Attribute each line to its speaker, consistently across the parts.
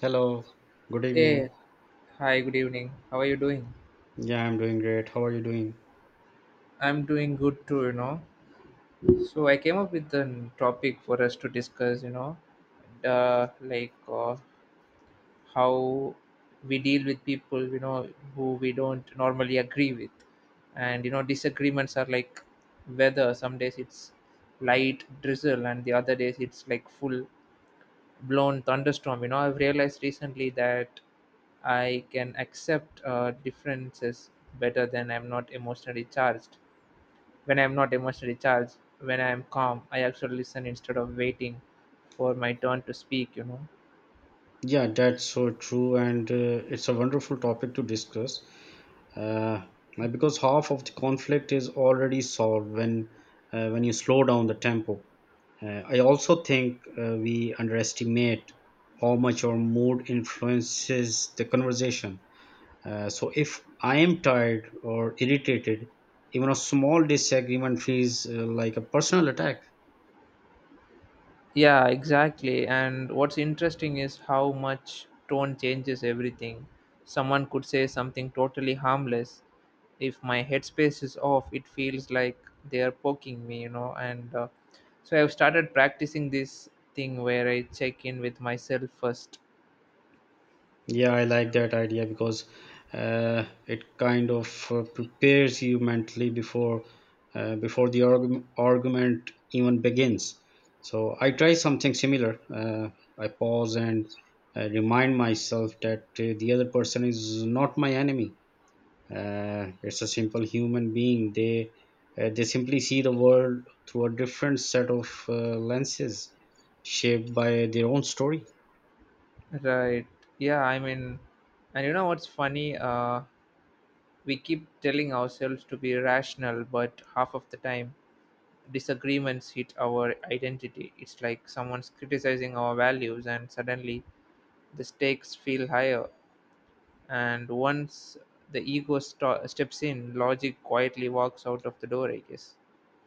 Speaker 1: Hello, good
Speaker 2: Hey,
Speaker 1: evening.
Speaker 2: hi, good evening. How are you doing?
Speaker 1: Yeah, I'm doing great. How are you doing?
Speaker 2: I'm doing good too, you know. So I came up with a topic for us to discuss, you know, the like how we deal with people, you know, who we don't normally agree with. And you know, disagreements are like weather. Some days it's light drizzle, and the other days it's like full blown thunderstorm. You know, I've realized recently that I can accept, differences better than I'm not emotionally charged when I'm not emotionally charged when I'm calm. I actually listen instead of waiting for my turn to speak, you know.
Speaker 1: Yeah, that's so true, and it's a wonderful topic to discuss. Uh, because half of the conflict is already solved when you slow down the tempo. I also think we underestimate how much our mood influences the conversation. So if I am tired or irritated, even a small disagreement feels like a personal attack.
Speaker 2: Yeah, exactly. And what's interesting is how much tone changes everything. Someone could say something totally harmless. If my headspace is off, it feels like they are poking me, you know. And so I've started practicing this thing where I check in with myself first.
Speaker 1: Yeah, I like that idea because it kind of prepares you mentally before argument even begins. So I try something similar. I pause and remind myself that the other person is not my enemy. It's a simple human being. They simply see the world through a different set of lenses shaped by their own story.
Speaker 2: Right. Yeah, I mean, and you know what's funny? We keep telling ourselves to be rational, but half of the time disagreements hit our identity. It's like someone's criticizing our values, and suddenly the stakes feel higher. And once the ego steps in, logic quietly walks out of the door, I guess.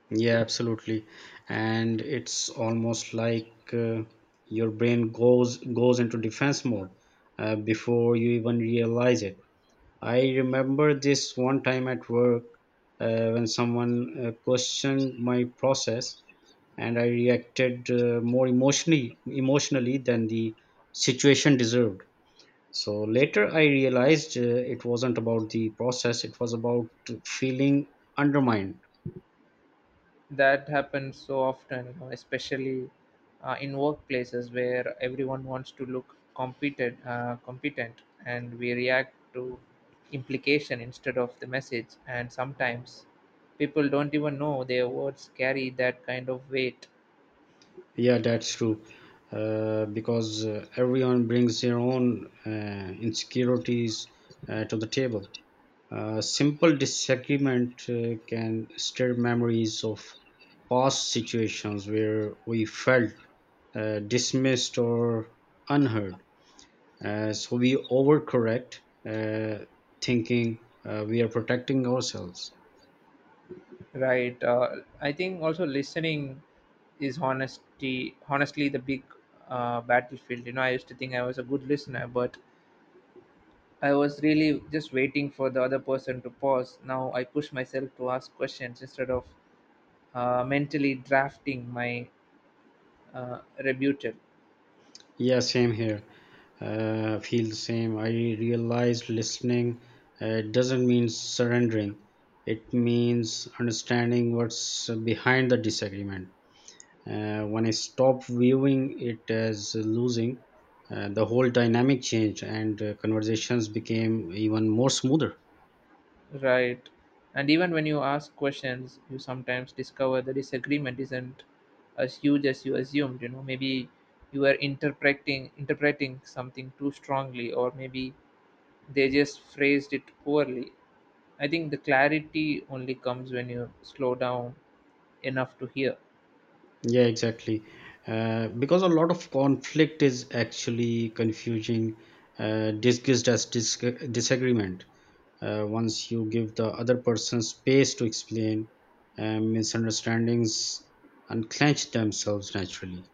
Speaker 1: Yeah, absolutely. And it's almost like your brain goes into defense mode before you even realize it. I remember this one time at work when someone questioned my process, and I reacted more emotionally than the situation deserved. So later, I realized it wasn't about the process; it was about feeling undermined.
Speaker 2: That happens so often, you know, especially in workplaces where everyone wants to look competent, and we react to implication instead of the message. And sometimes people don't even know their words carry that kind of weight.
Speaker 1: Yeah, that's true. Because everyone brings their own insecurities to the table. A simple disagreement can stir memories of past situations where we felt dismissed or unheard. So we overcorrect, uh, thinking we are protecting ourselves.
Speaker 2: Right. I think also listening is honesty. Honestly, the big, battlefield. You know, I used to think I was a good listener, but I was really just waiting for the other person to pause. Now I push myself to ask questions instead of mentally drafting my, rebuttal.
Speaker 1: Yeah, same here. Feel the same. I realized listening doesn't mean surrendering. It means understanding what's behind the disagreement. When I stopped viewing it as losing, the whole dynamic changed and conversations became even more smoother.
Speaker 2: Right. And even when you ask questions, you sometimes discover the disagreement isn't as huge as you assumed. You know, maybe you are interpreting something too strongly, or maybe they just phrased it poorly. I think the clarity only comes when you slow down enough to hear.
Speaker 1: Yeah, exactly. Because a lot of conflict is actually confusing, disagreement. Once you give the other person space to explain, misunderstandings unclench themselves naturally.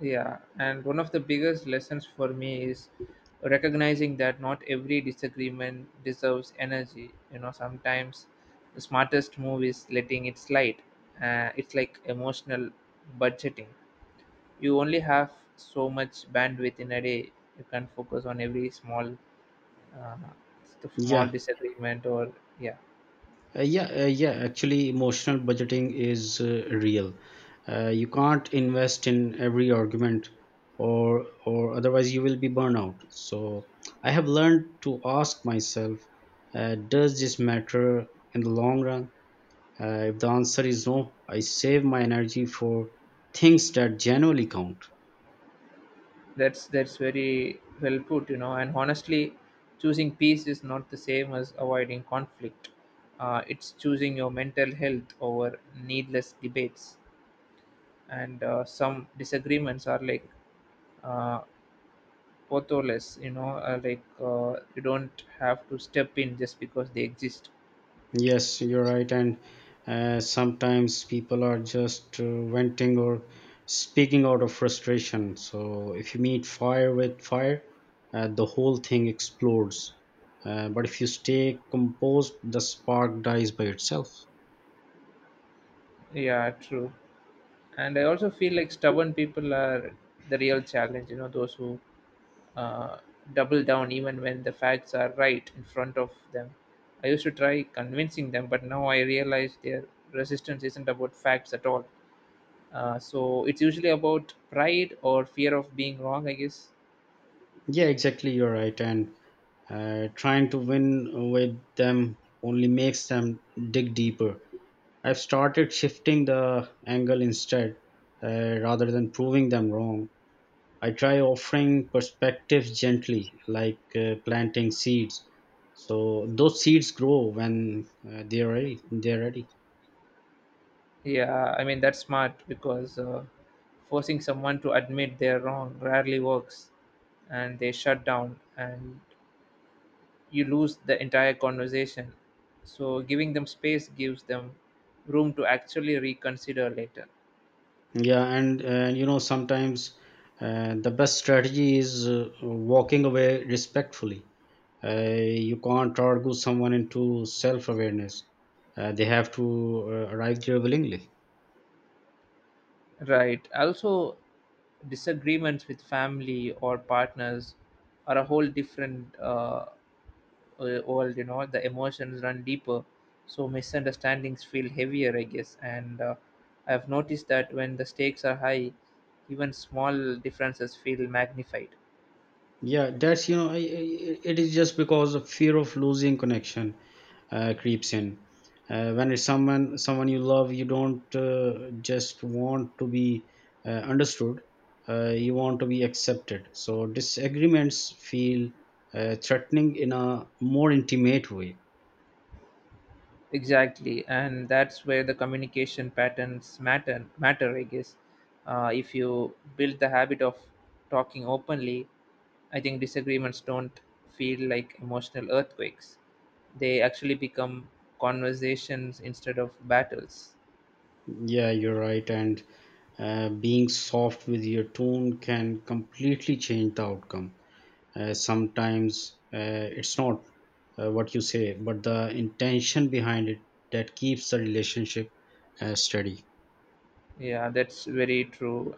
Speaker 2: Yeah, and one of the biggest lessons for me is recognizing that not every disagreement deserves energy. You know, sometimes the smartest move is letting it slide. It's like emotional budgeting. You only have so much bandwidth in a day. You can't focus on every uh, small
Speaker 1: yeah
Speaker 2: disagreement or yeah.
Speaker 1: uh, yeah uh, yeah actually emotional budgeting is real. You can't invest in every argument or otherwise you will be burnout, so I have learned to ask myself, does this matter in the long run? If the answer is no, I save my energy for things that genuinely count.
Speaker 2: That's very well put, you know. And honestly, choosing peace is not the same as avoiding conflict. It's choosing your mental health over needless debates. And some disagreements are like, uh, potholes, you know, like, you don't have to step in just because they exist.
Speaker 1: Yes, you're right. And sometimes people are just venting or speaking out of frustration. So if you meet fire with fire, the whole thing explodes. But if you stay composed, the spark dies by itself.
Speaker 2: Yeah, true. And I also feel like stubborn people are the real challenge, you know, those who, uh, double down even when the facts are right in front of them. I used to try convincing them, but now I realize their resistance isn't about facts at all. So it's usually about pride or fear of being wrong, I guess.
Speaker 1: Yeah, exactly. You're right. And trying to win with them only makes them dig deeper. I've started shifting the angle instead, rather than proving them wrong. I try offering perspectives gently, like planting seeds. So those seeds grow when they're ready.
Speaker 2: Yeah, I mean, that's smart because, forcing someone to admit they're wrong rarely works, and they shut down and you lose the entire conversation. So giving them space gives them room to actually reconsider later.
Speaker 1: Yeah, and you know sometimes the best strategy is walking away respectfully. You can't argue someone into self-awareness. They have to arrive there willingly.
Speaker 2: Right. Also, disagreements with family or partners are a whole different, world. You know, the emotions run deeper, so misunderstandings feel heavier, I guess. And I've noticed that when the stakes are high, even small differences feel magnified.
Speaker 1: Yeah, that's, you know, it is just because the fear of losing connection creeps in. When it's someone you love, you don't just want to be understood. You want to be accepted. So disagreements feel threatening in a more intimate way.
Speaker 2: Exactly, and that's where the communication patterns matter, I guess. If you build the habit of talking openly, I think disagreements don't feel like emotional earthquakes. They actually become conversations instead of battles.
Speaker 1: Yeah, you're right, and being soft with your tone can completely change the outcome. Sometimes it's not what you say but the intention behind it that keeps the relationship steady.
Speaker 2: Yeah, that's very true.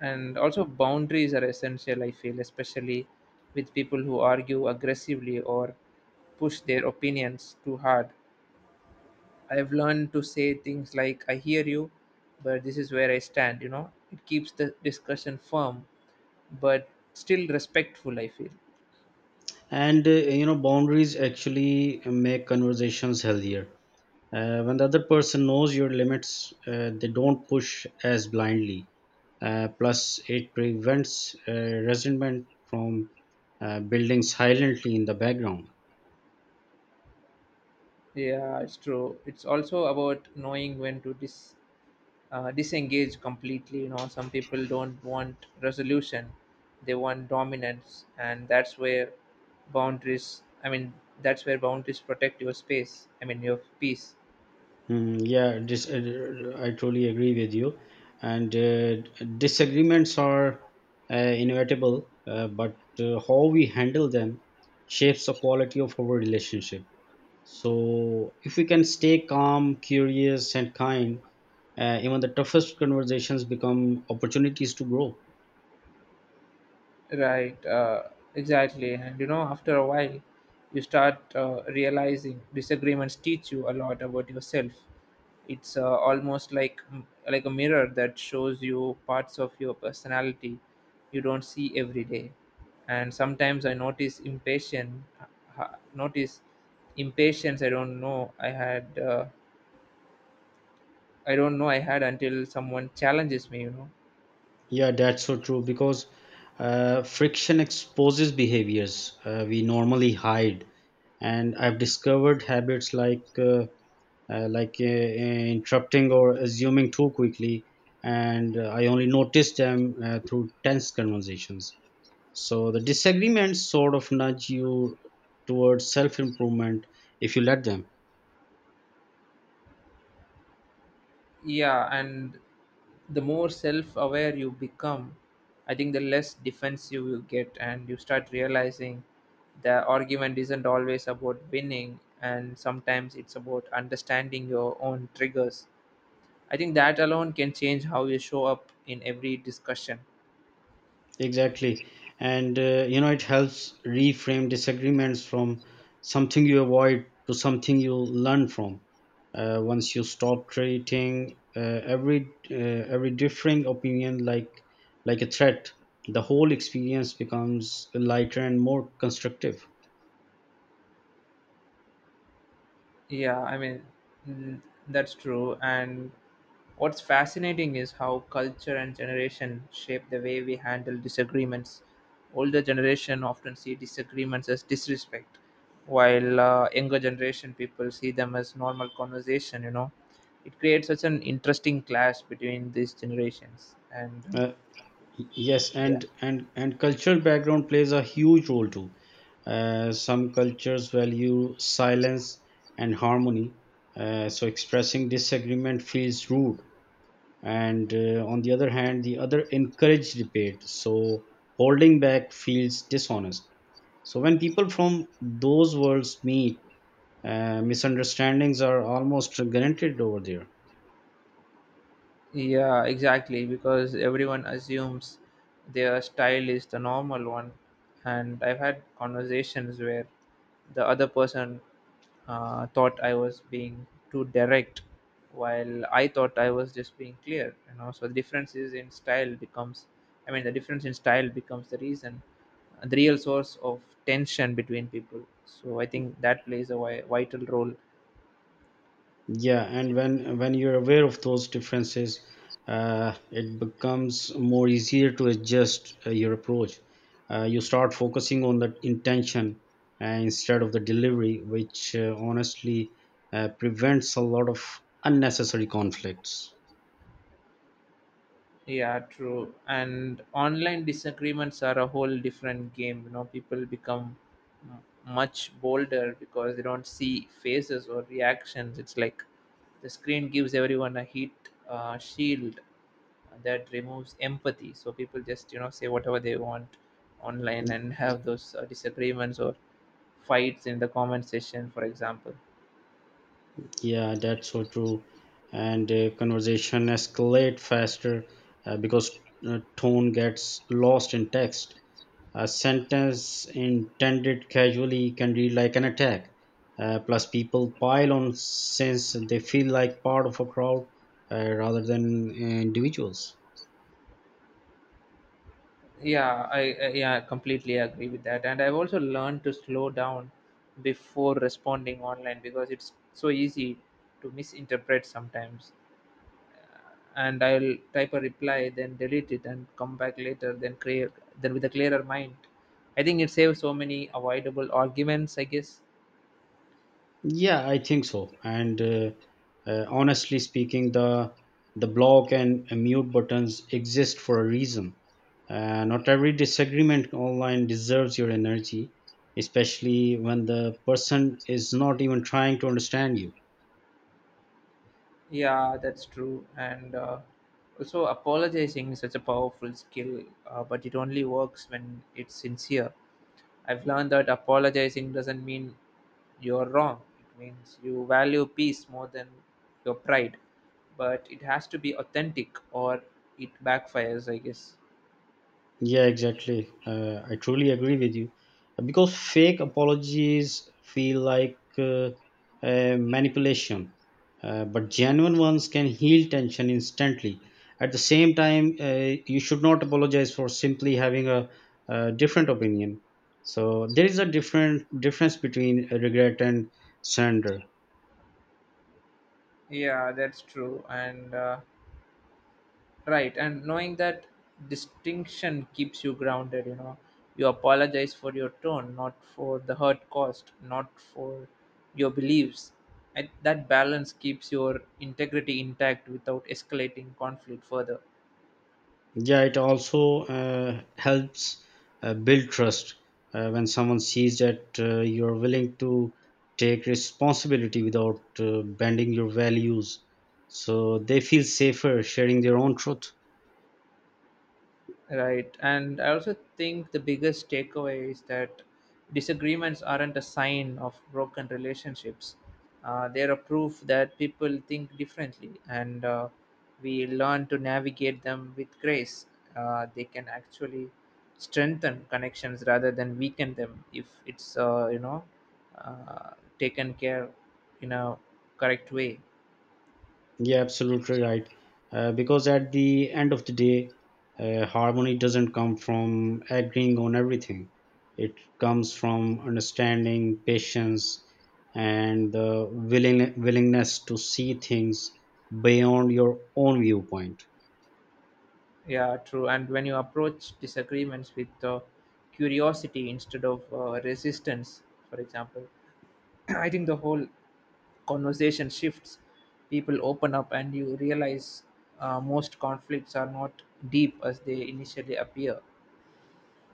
Speaker 2: And also, boundaries are essential, I feel, especially with people who argue aggressively or push their opinions too hard. I've learned to say things like, I hear you, but this is where I stand, you know? It keeps the discussion firm, but still respectful, I feel.
Speaker 1: And you know boundaries actually make conversations healthier, when the other person knows your limits, they don't push as blindly. Plus it prevents resentment from building silently in the background.
Speaker 2: Yeah, it's true. It's also about knowing when to disengage completely. You know, some people don't want resolution; they want dominance, and that's where boundaries. I mean, that's where boundaries protect your space. I mean, your peace.
Speaker 1: I totally agree with you. And disagreements are inevitable, but how we handle them shapes the quality of our relationship. So, if we can stay calm, curious, and kind, even the toughest conversations become opportunities to grow.
Speaker 2: Right. Exactly. And you know, after a while, you start, realizing disagreements teach you a lot about yourself. It's, almost like, a mirror that shows you parts of your personality you don't see every day. And sometimes I notice impatience. I don't know I had until someone challenges me, you know.
Speaker 1: Yeah, that's so true because friction exposes behaviors we normally hide. And I've discovered habits like interrupting or assuming too quickly, and I only noticed them through tense conversations. So the disagreements sort of nudge you towards self improvement if you let them.
Speaker 2: Yeah, and the more self aware you become, I think the less defensive you get, and you start realizing the argument isn't always about winning, and sometimes it's about understanding your own triggers. I think that alone can change how you show up in every discussion.
Speaker 1: Exactly. And you know, it helps reframe disagreements from something you avoid to something you learn from. Once you stop treating every uh, every differing opinion like a threat, the whole experience becomes lighter and more constructive.
Speaker 2: Yeah, I mean, mm, that's true. And what's fascinating is how culture and generation shape the way we handle disagreements. Older generation often see disagreements as disrespect, while, younger generation people see them as normal conversation, you know. It creates such an interesting clash between these generations. And
Speaker 1: Uh, Yes,
Speaker 2: yeah.
Speaker 1: and cultural background plays a huge role too. Some cultures value silence and harmony, so expressing disagreement feels rude. And on the other hand, the other encourage debate, so holding back feels dishonest. So when people from those worlds meet, misunderstandings are almost guaranteed over there.
Speaker 2: Yeah, exactly, because everyone assumes their style is the normal one. And I've had conversations where the other person, thought I was being too direct, while I thought I was just being clear. You know, so the difference is in style becomes, I mean, the difference in style becomes the reason, the real source of tension between people. So I think that plays a vital role.
Speaker 1: Yeah, and when you're aware of those differences, it becomes more easier to adjust your approach. You start focusing on the intention instead of the delivery, which honestly prevents a lot of unnecessary conflicts.
Speaker 2: Yeah, true. And online disagreements are a whole different game. You know, people become much bolder because they don't see faces or reactions. It's like the screen gives everyone a heat, shield that removes empathy. So people just, you know, say whatever they want online and have those, disagreements or fights in the comment section, for example.
Speaker 1: Yeah, that's so true. And conversation escalate faster because tone gets lost in text. A sentence intended casually can read like an attack. Plus, people pile on since they feel like part of a crowd rather than individuals.
Speaker 2: Yeah, I completely agree with that. And I've also learned to slow down before responding online because it's so easy to misinterpret sometimes. And I'll type a reply, then delete it, and come back later. Then with a clearer mind. I think it saves so many avoidable arguments, I guess.
Speaker 1: Yeah, I think so. And honestly speaking, the block and mute buttons exist for a reason. Not every disagreement online deserves your energy, especially when the person is not even trying to understand you.
Speaker 2: Yeah, that's true. And also, apologizing is such a powerful skill, but it only works when it's sincere. I've learned that apologizing doesn't mean you're wrong. It means you value peace more than your pride. But it has to be authentic or it backfires, I guess.
Speaker 1: Yeah, exactly. I truly agree with you. Because fake apologies feel like a manipulation, but genuine ones can heal tension instantly. At the same time, you should not apologize for simply having a different opinion. So there is a different difference between regret and surrender.
Speaker 2: Yeah, that's true. And right. And knowing that distinction keeps you grounded, you know, you apologize for your tone, not for the hurt caused, not for your beliefs. And that balance keeps your integrity intact without escalating conflict further.
Speaker 1: Yeah, it also helps build trust when someone sees that you're willing to take responsibility without bending your values. So they feel safer sharing their own truth.
Speaker 2: Right. And I also think the biggest takeaway is that disagreements aren't a sign of broken relationships. They're a proof that people think differently, and, we learn to navigate them with grace. They can actually strengthen connections rather than weaken them if it's uh, taken care in a correct way.
Speaker 1: Yeah, absolutely right. Because at the end of the day, harmony doesn't come from agreeing on everything. It comes from understanding, patience, and the willingness to see things beyond your own viewpoint.
Speaker 2: Yeah, true. And when you approach disagreements with, curiosity instead of, resistance, for example, I think the whole conversation shifts. People open up, and you realize, most conflicts are not deep as they initially appear.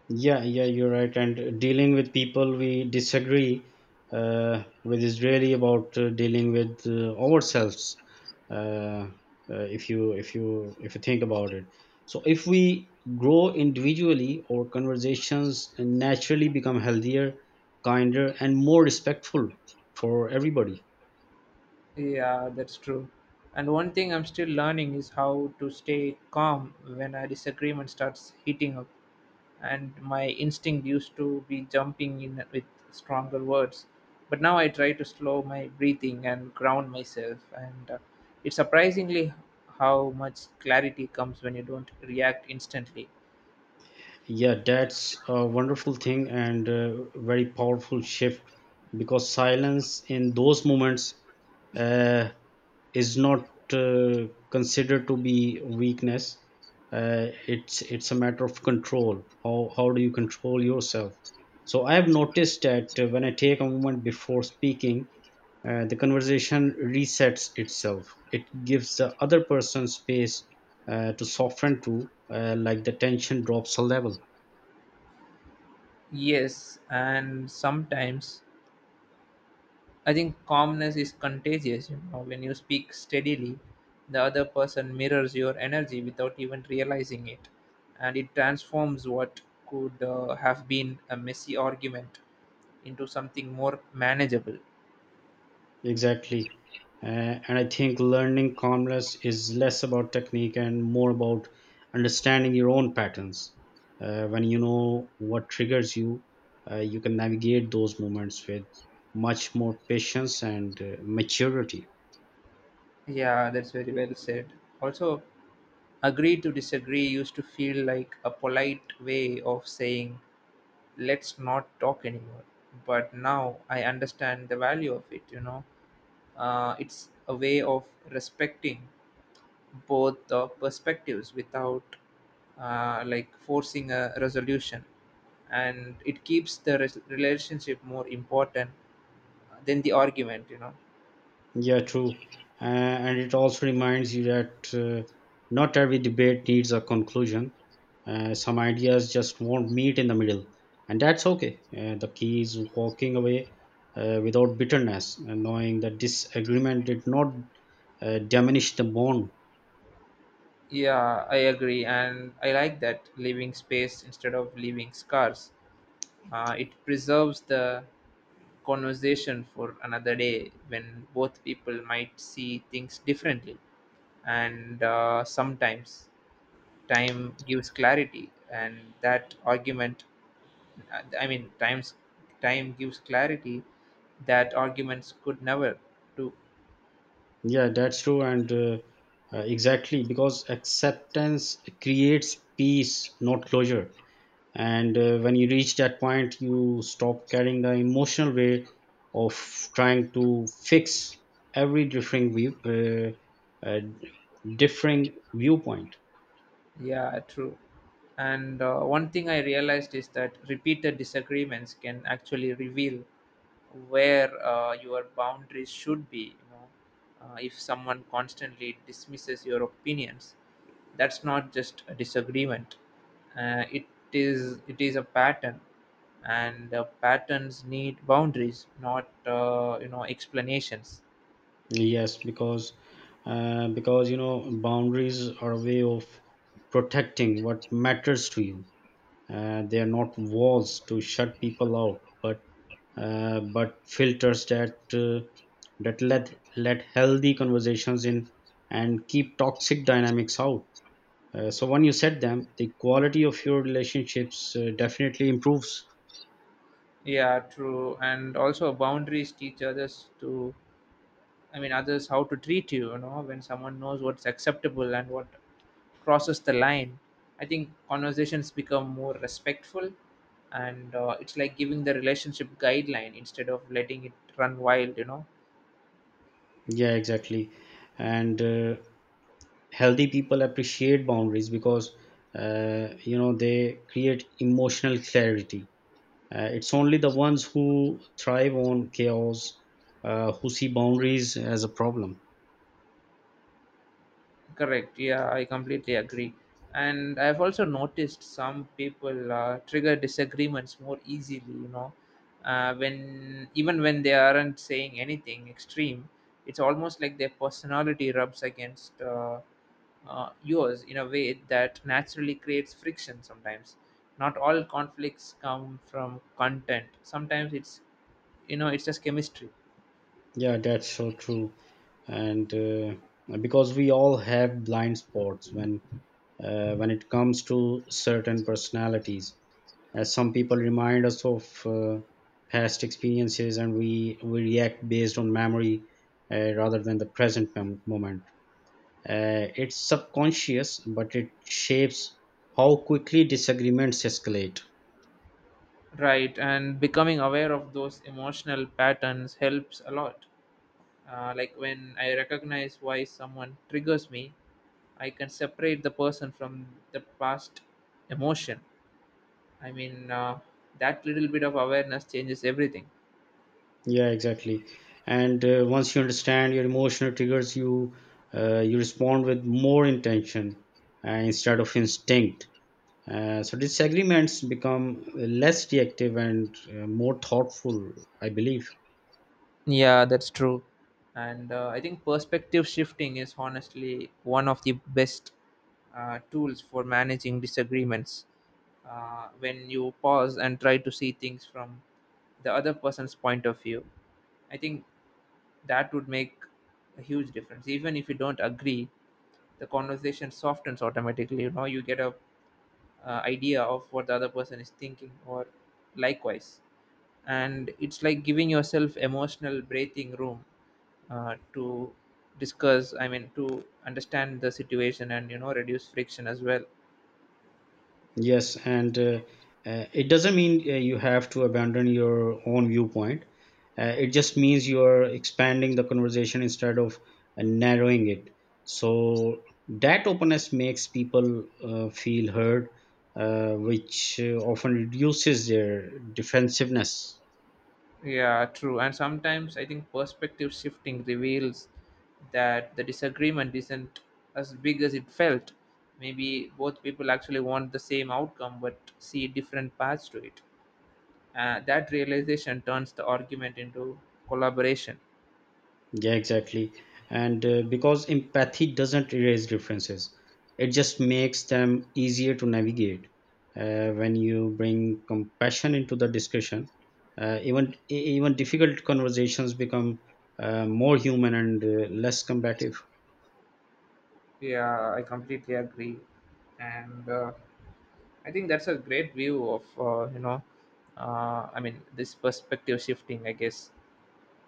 Speaker 1: Yeah, yeah, you're right. And dealing with people we disagree with is really about dealing with ourselves. Uh, if you think about it, so if we grow individually, our conversations naturally become healthier, kinder, and more respectful for everybody.
Speaker 2: Yeah, that's true. And one thing I'm still learning is how to stay calm when a disagreement starts heating up. And my instinct used to be jumping in with stronger words. But now I try to slow my breathing and ground myself. And it's surprisingly how much clarity comes when you don't react instantly.
Speaker 1: Yeah, that's a wonderful thing and a very powerful shift because silence in those moments uh, is not considered to be weakness. It's a matter of control. How do you control yourself? So I have noticed that when I take a moment before speaking, the conversation resets itself. It gives the other person space to soften to, like the tension drops a level.
Speaker 2: Yes, and sometimes I think calmness is contagious, you know. When you speak steadily, the other person mirrors your energy without even realizing it, and it transforms what could, have been a messy argument into something more manageable.
Speaker 1: Exactly. Uh, and I think learning calmness is less about technique and more about understanding your own patterns. When you know what triggers you, you can navigate those moments with much more patience and maturity.
Speaker 2: Yeah, that's very well said. Also, agree to disagree used to feel like a polite way of saying, let's not talk anymore. But now I understand the value of it, you know. It's a way of respecting both the perspectives without, like forcing a resolution, and it keeps the relationship more important than the argument, you know.
Speaker 1: Yeah, true. And it also reminds you that not every debate needs a conclusion. Some ideas just won't meet in the middle, and that's okay. The key is walking away without bitterness and knowing that disagreement did not diminish the bond.
Speaker 2: Yeah, I agree, and I like that, leaving space instead of leaving scars. Uh, it preserves the conversation for another day when both people might see things differently. And sometimes time gives clarity and that argument I mean, time gives clarity that arguments could never do.
Speaker 1: Yeah, that's true. And exactly because acceptance creates peace, not closure. And when you reach that point you stop carrying the emotional weight of trying to fix every differing uh, uh, viewpoint.
Speaker 2: Yeah, true. And one thing I realized is that repeated disagreements can actually reveal where, your boundaries should be. You know, if someone constantly dismisses your opinions, that's not just a disagreement. Uh, it it is a pattern, and, patterns need boundaries, not, explanations.
Speaker 1: Yes, because you know boundaries are a way of protecting what matters to you. They are not walls to shut people out but filters that let healthy conversations in and keep toxic dynamics out. So when you set them, the quality of your relationships definitely improves.
Speaker 2: Yeah, true. And also boundaries teach others to others how to treat you, you know, when someone knows what's acceptable and what crosses the line. I think conversations become more respectful and it's like giving the relationship guideline instead of letting it run wild, you know.
Speaker 1: Yeah, exactly. And healthy people appreciate boundaries because you know they create emotional clarity. It's only the ones who thrive on chaos who see boundaries as a problem.
Speaker 2: Correct. Yeah, I completely agree. And I've also noticed some people trigger disagreements more easily, you know, when even when they aren't saying anything extreme, it's almost like their personality rubs against yours in a way that naturally creates friction sometimes. Not all conflicts come from content. Sometimes it's, you know, it's just chemistry.
Speaker 1: Yeah, that's so true. And because we all have blind spots when when it comes to certain personalities as some people remind us of past experiences and we react based on memory rather than the moment. It's subconscious, but it shapes how quickly disagreements escalate.
Speaker 2: Right. And becoming aware of those emotional patterns helps a lot. Like when I recognize why someone triggers me, I can separate the person from the past emotion. I mean, uh, that little bit of awareness changes everything.
Speaker 1: Yeah, exactly. And once you understand your emotional triggers, you respond with more intention instead of instinct. So disagreements become less reactive and more thoughtful, I believe.
Speaker 2: Yeah, that's true. And I think perspective shifting is honestly one of the best tools for managing disagreements. When you pause and try to see things from the other person's point of view, I think that would make a huge difference. Even if you don't agree, the conversation softens automatically. You know, you get a idea of what the other person is thinking, or likewise, and it's like giving yourself emotional breathing room to discuss I mean to understand the situation and, you know, reduce friction as well.
Speaker 1: Yes, and it doesn't mean you have to abandon your own viewpoint. It just means you are expanding the conversation instead of narrowing it. So that openness makes people feel heard, which often reduces their defensiveness.
Speaker 2: Yeah, true. And sometimes I think perspective shifting reveals that the disagreement isn't as big as it felt. Maybe both people actually want the same outcome but see different paths to it. That realization turns the argument into collaboration.
Speaker 1: Yeah, exactly. And because empathy doesn't erase differences, it just makes them easier to navigate. When you bring compassion into the discussion, even difficult conversations become more human and less combative.
Speaker 2: Yeah, I completely agree, and I think that's a great view of this perspective shifting. I guess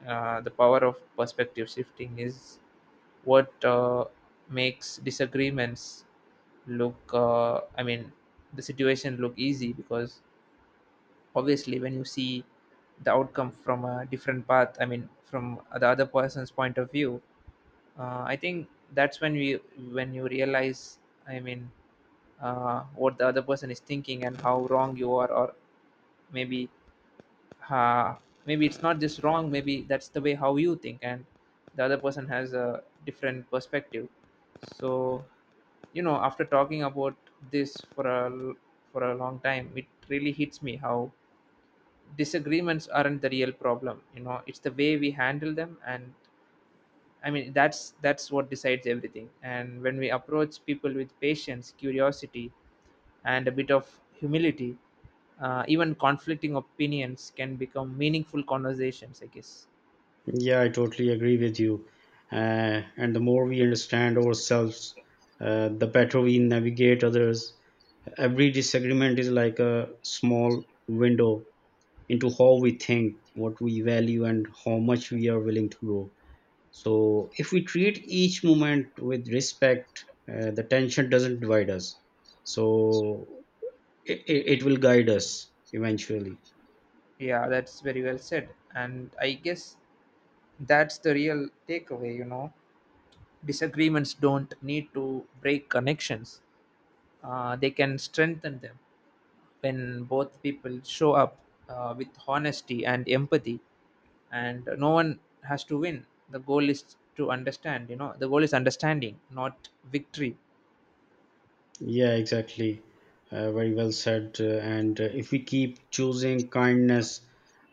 Speaker 2: the power of perspective shifting is what makes disagreements look. The situation look easy, because obviously when you see the outcome from a different path, I mean from the other person's point of view, I think that's when we when you realize i mean what the other person is thinking and how wrong you are, or maybe uh, maybe it's not just wrong, maybe that's the way how you think and the other person has a different perspective. So, you know, after talking about this for for a long time, it really hits me how disagreements aren't the real problem. You know, it's the way we handle them, and I mean, that's what decides everything. And when we approach people with patience, curiosity, and a bit of humility, even conflicting opinions can become meaningful conversations, I guess.
Speaker 1: Yeah, I totally agree with you. And the more we understand ourselves, the better we navigate others. Every disagreement is like a small window into how we think, what we value, and how much we are willing to grow. So, if we treat each moment with respect, the tension doesn't divide us. So, it will guide us eventually.
Speaker 2: Yeah, that's very well said. And I guess that's the real takeaway. You know, disagreements don't need to break connections. They can strengthen them when both people show up with honesty and empathy, and no one has to win. The goal is to understand. You know, the goal is understanding, not victory.
Speaker 1: Yeah, exactly. Very well said. And if we keep choosing kindness,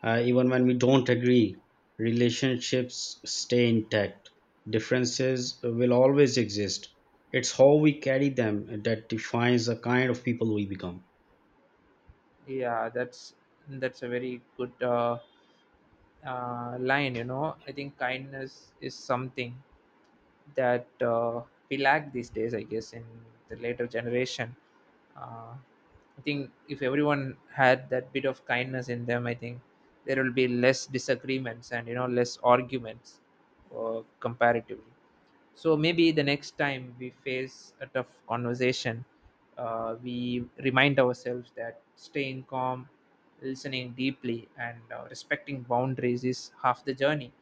Speaker 1: even when we don't agree, relationships stay intact. Differences will always exist. It's how we carry them that defines the kind of people we become.
Speaker 2: Yeah, that's a very good line. You know, I think kindness is something that we lack these days, I guess, in the later generation. uh, I think if everyone had that bit of kindness in them, I think there will be less disagreements and, you know, less arguments, comparatively. So maybe the next time we face a tough conversation, we remind ourselves that staying calm, listening deeply, and respecting boundaries is half the journey,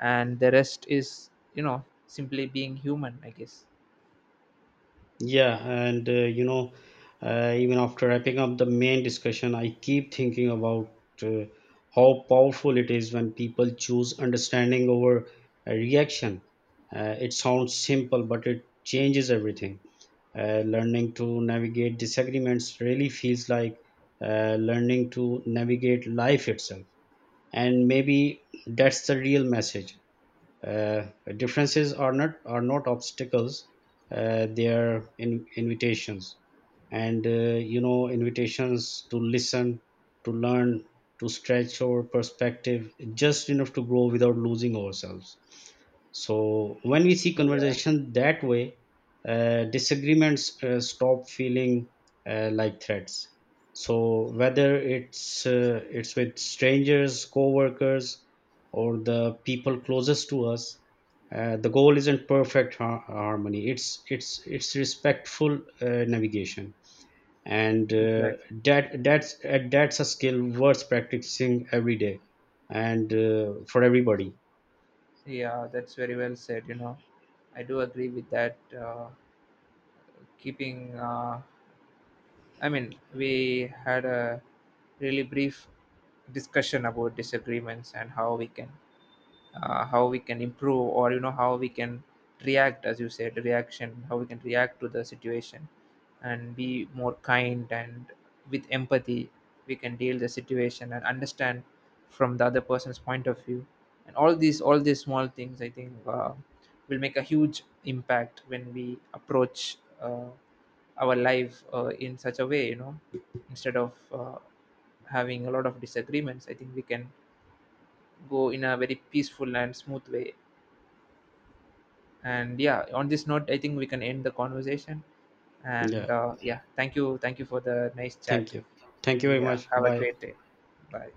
Speaker 2: and the rest is, you know, simply being human, I guess.
Speaker 1: Yeah, and you know, even after wrapping up the main discussion, I keep thinking about uh, how powerful it is when people choose understanding over reaction. It sounds simple, but it changes everything. Learning to navigate disagreements really feels like learning to navigate life itself. And maybe that's the real message. Uh, differences are not are not obstacles; they are invitations. And you know, invitations to listen, to learn, to stretch our perspective just enough to grow without losing ourselves. So when we see
Speaker 2: Yeah,
Speaker 1: conversation that way, disagreements stop feeling like threats. So whether it's with strangers, co-workers, or the people closest to us, the goal isn't harmony. It's respectful navigation, and
Speaker 2: exactly.
Speaker 1: that's a skill worth practicing every day, and for everybody.
Speaker 2: Yeah, that's very well said. You know, I do agree with that. Keeping, uh, we had a really brief discussion about disagreements and how we can improve, or you know how we can react, as you said, reaction, how we can react to the situation and be more kind, and with empathy we can deal the situation and understand from the other person's point of view. And all these small things, I think, will make a huge impact when we approach our life in such a way, you know, instead of having a lot of disagreements, I think we can go in a very peaceful and smooth way. And yeah, on this note, I think we can end the conversation.
Speaker 1: Yeah.
Speaker 2: And yeah, thank you for the nice
Speaker 1: Thank
Speaker 2: chat.
Speaker 1: you. Thank you very
Speaker 2: Yeah,
Speaker 1: much.
Speaker 2: have a
Speaker 1: Bye.
Speaker 2: great day. Bye.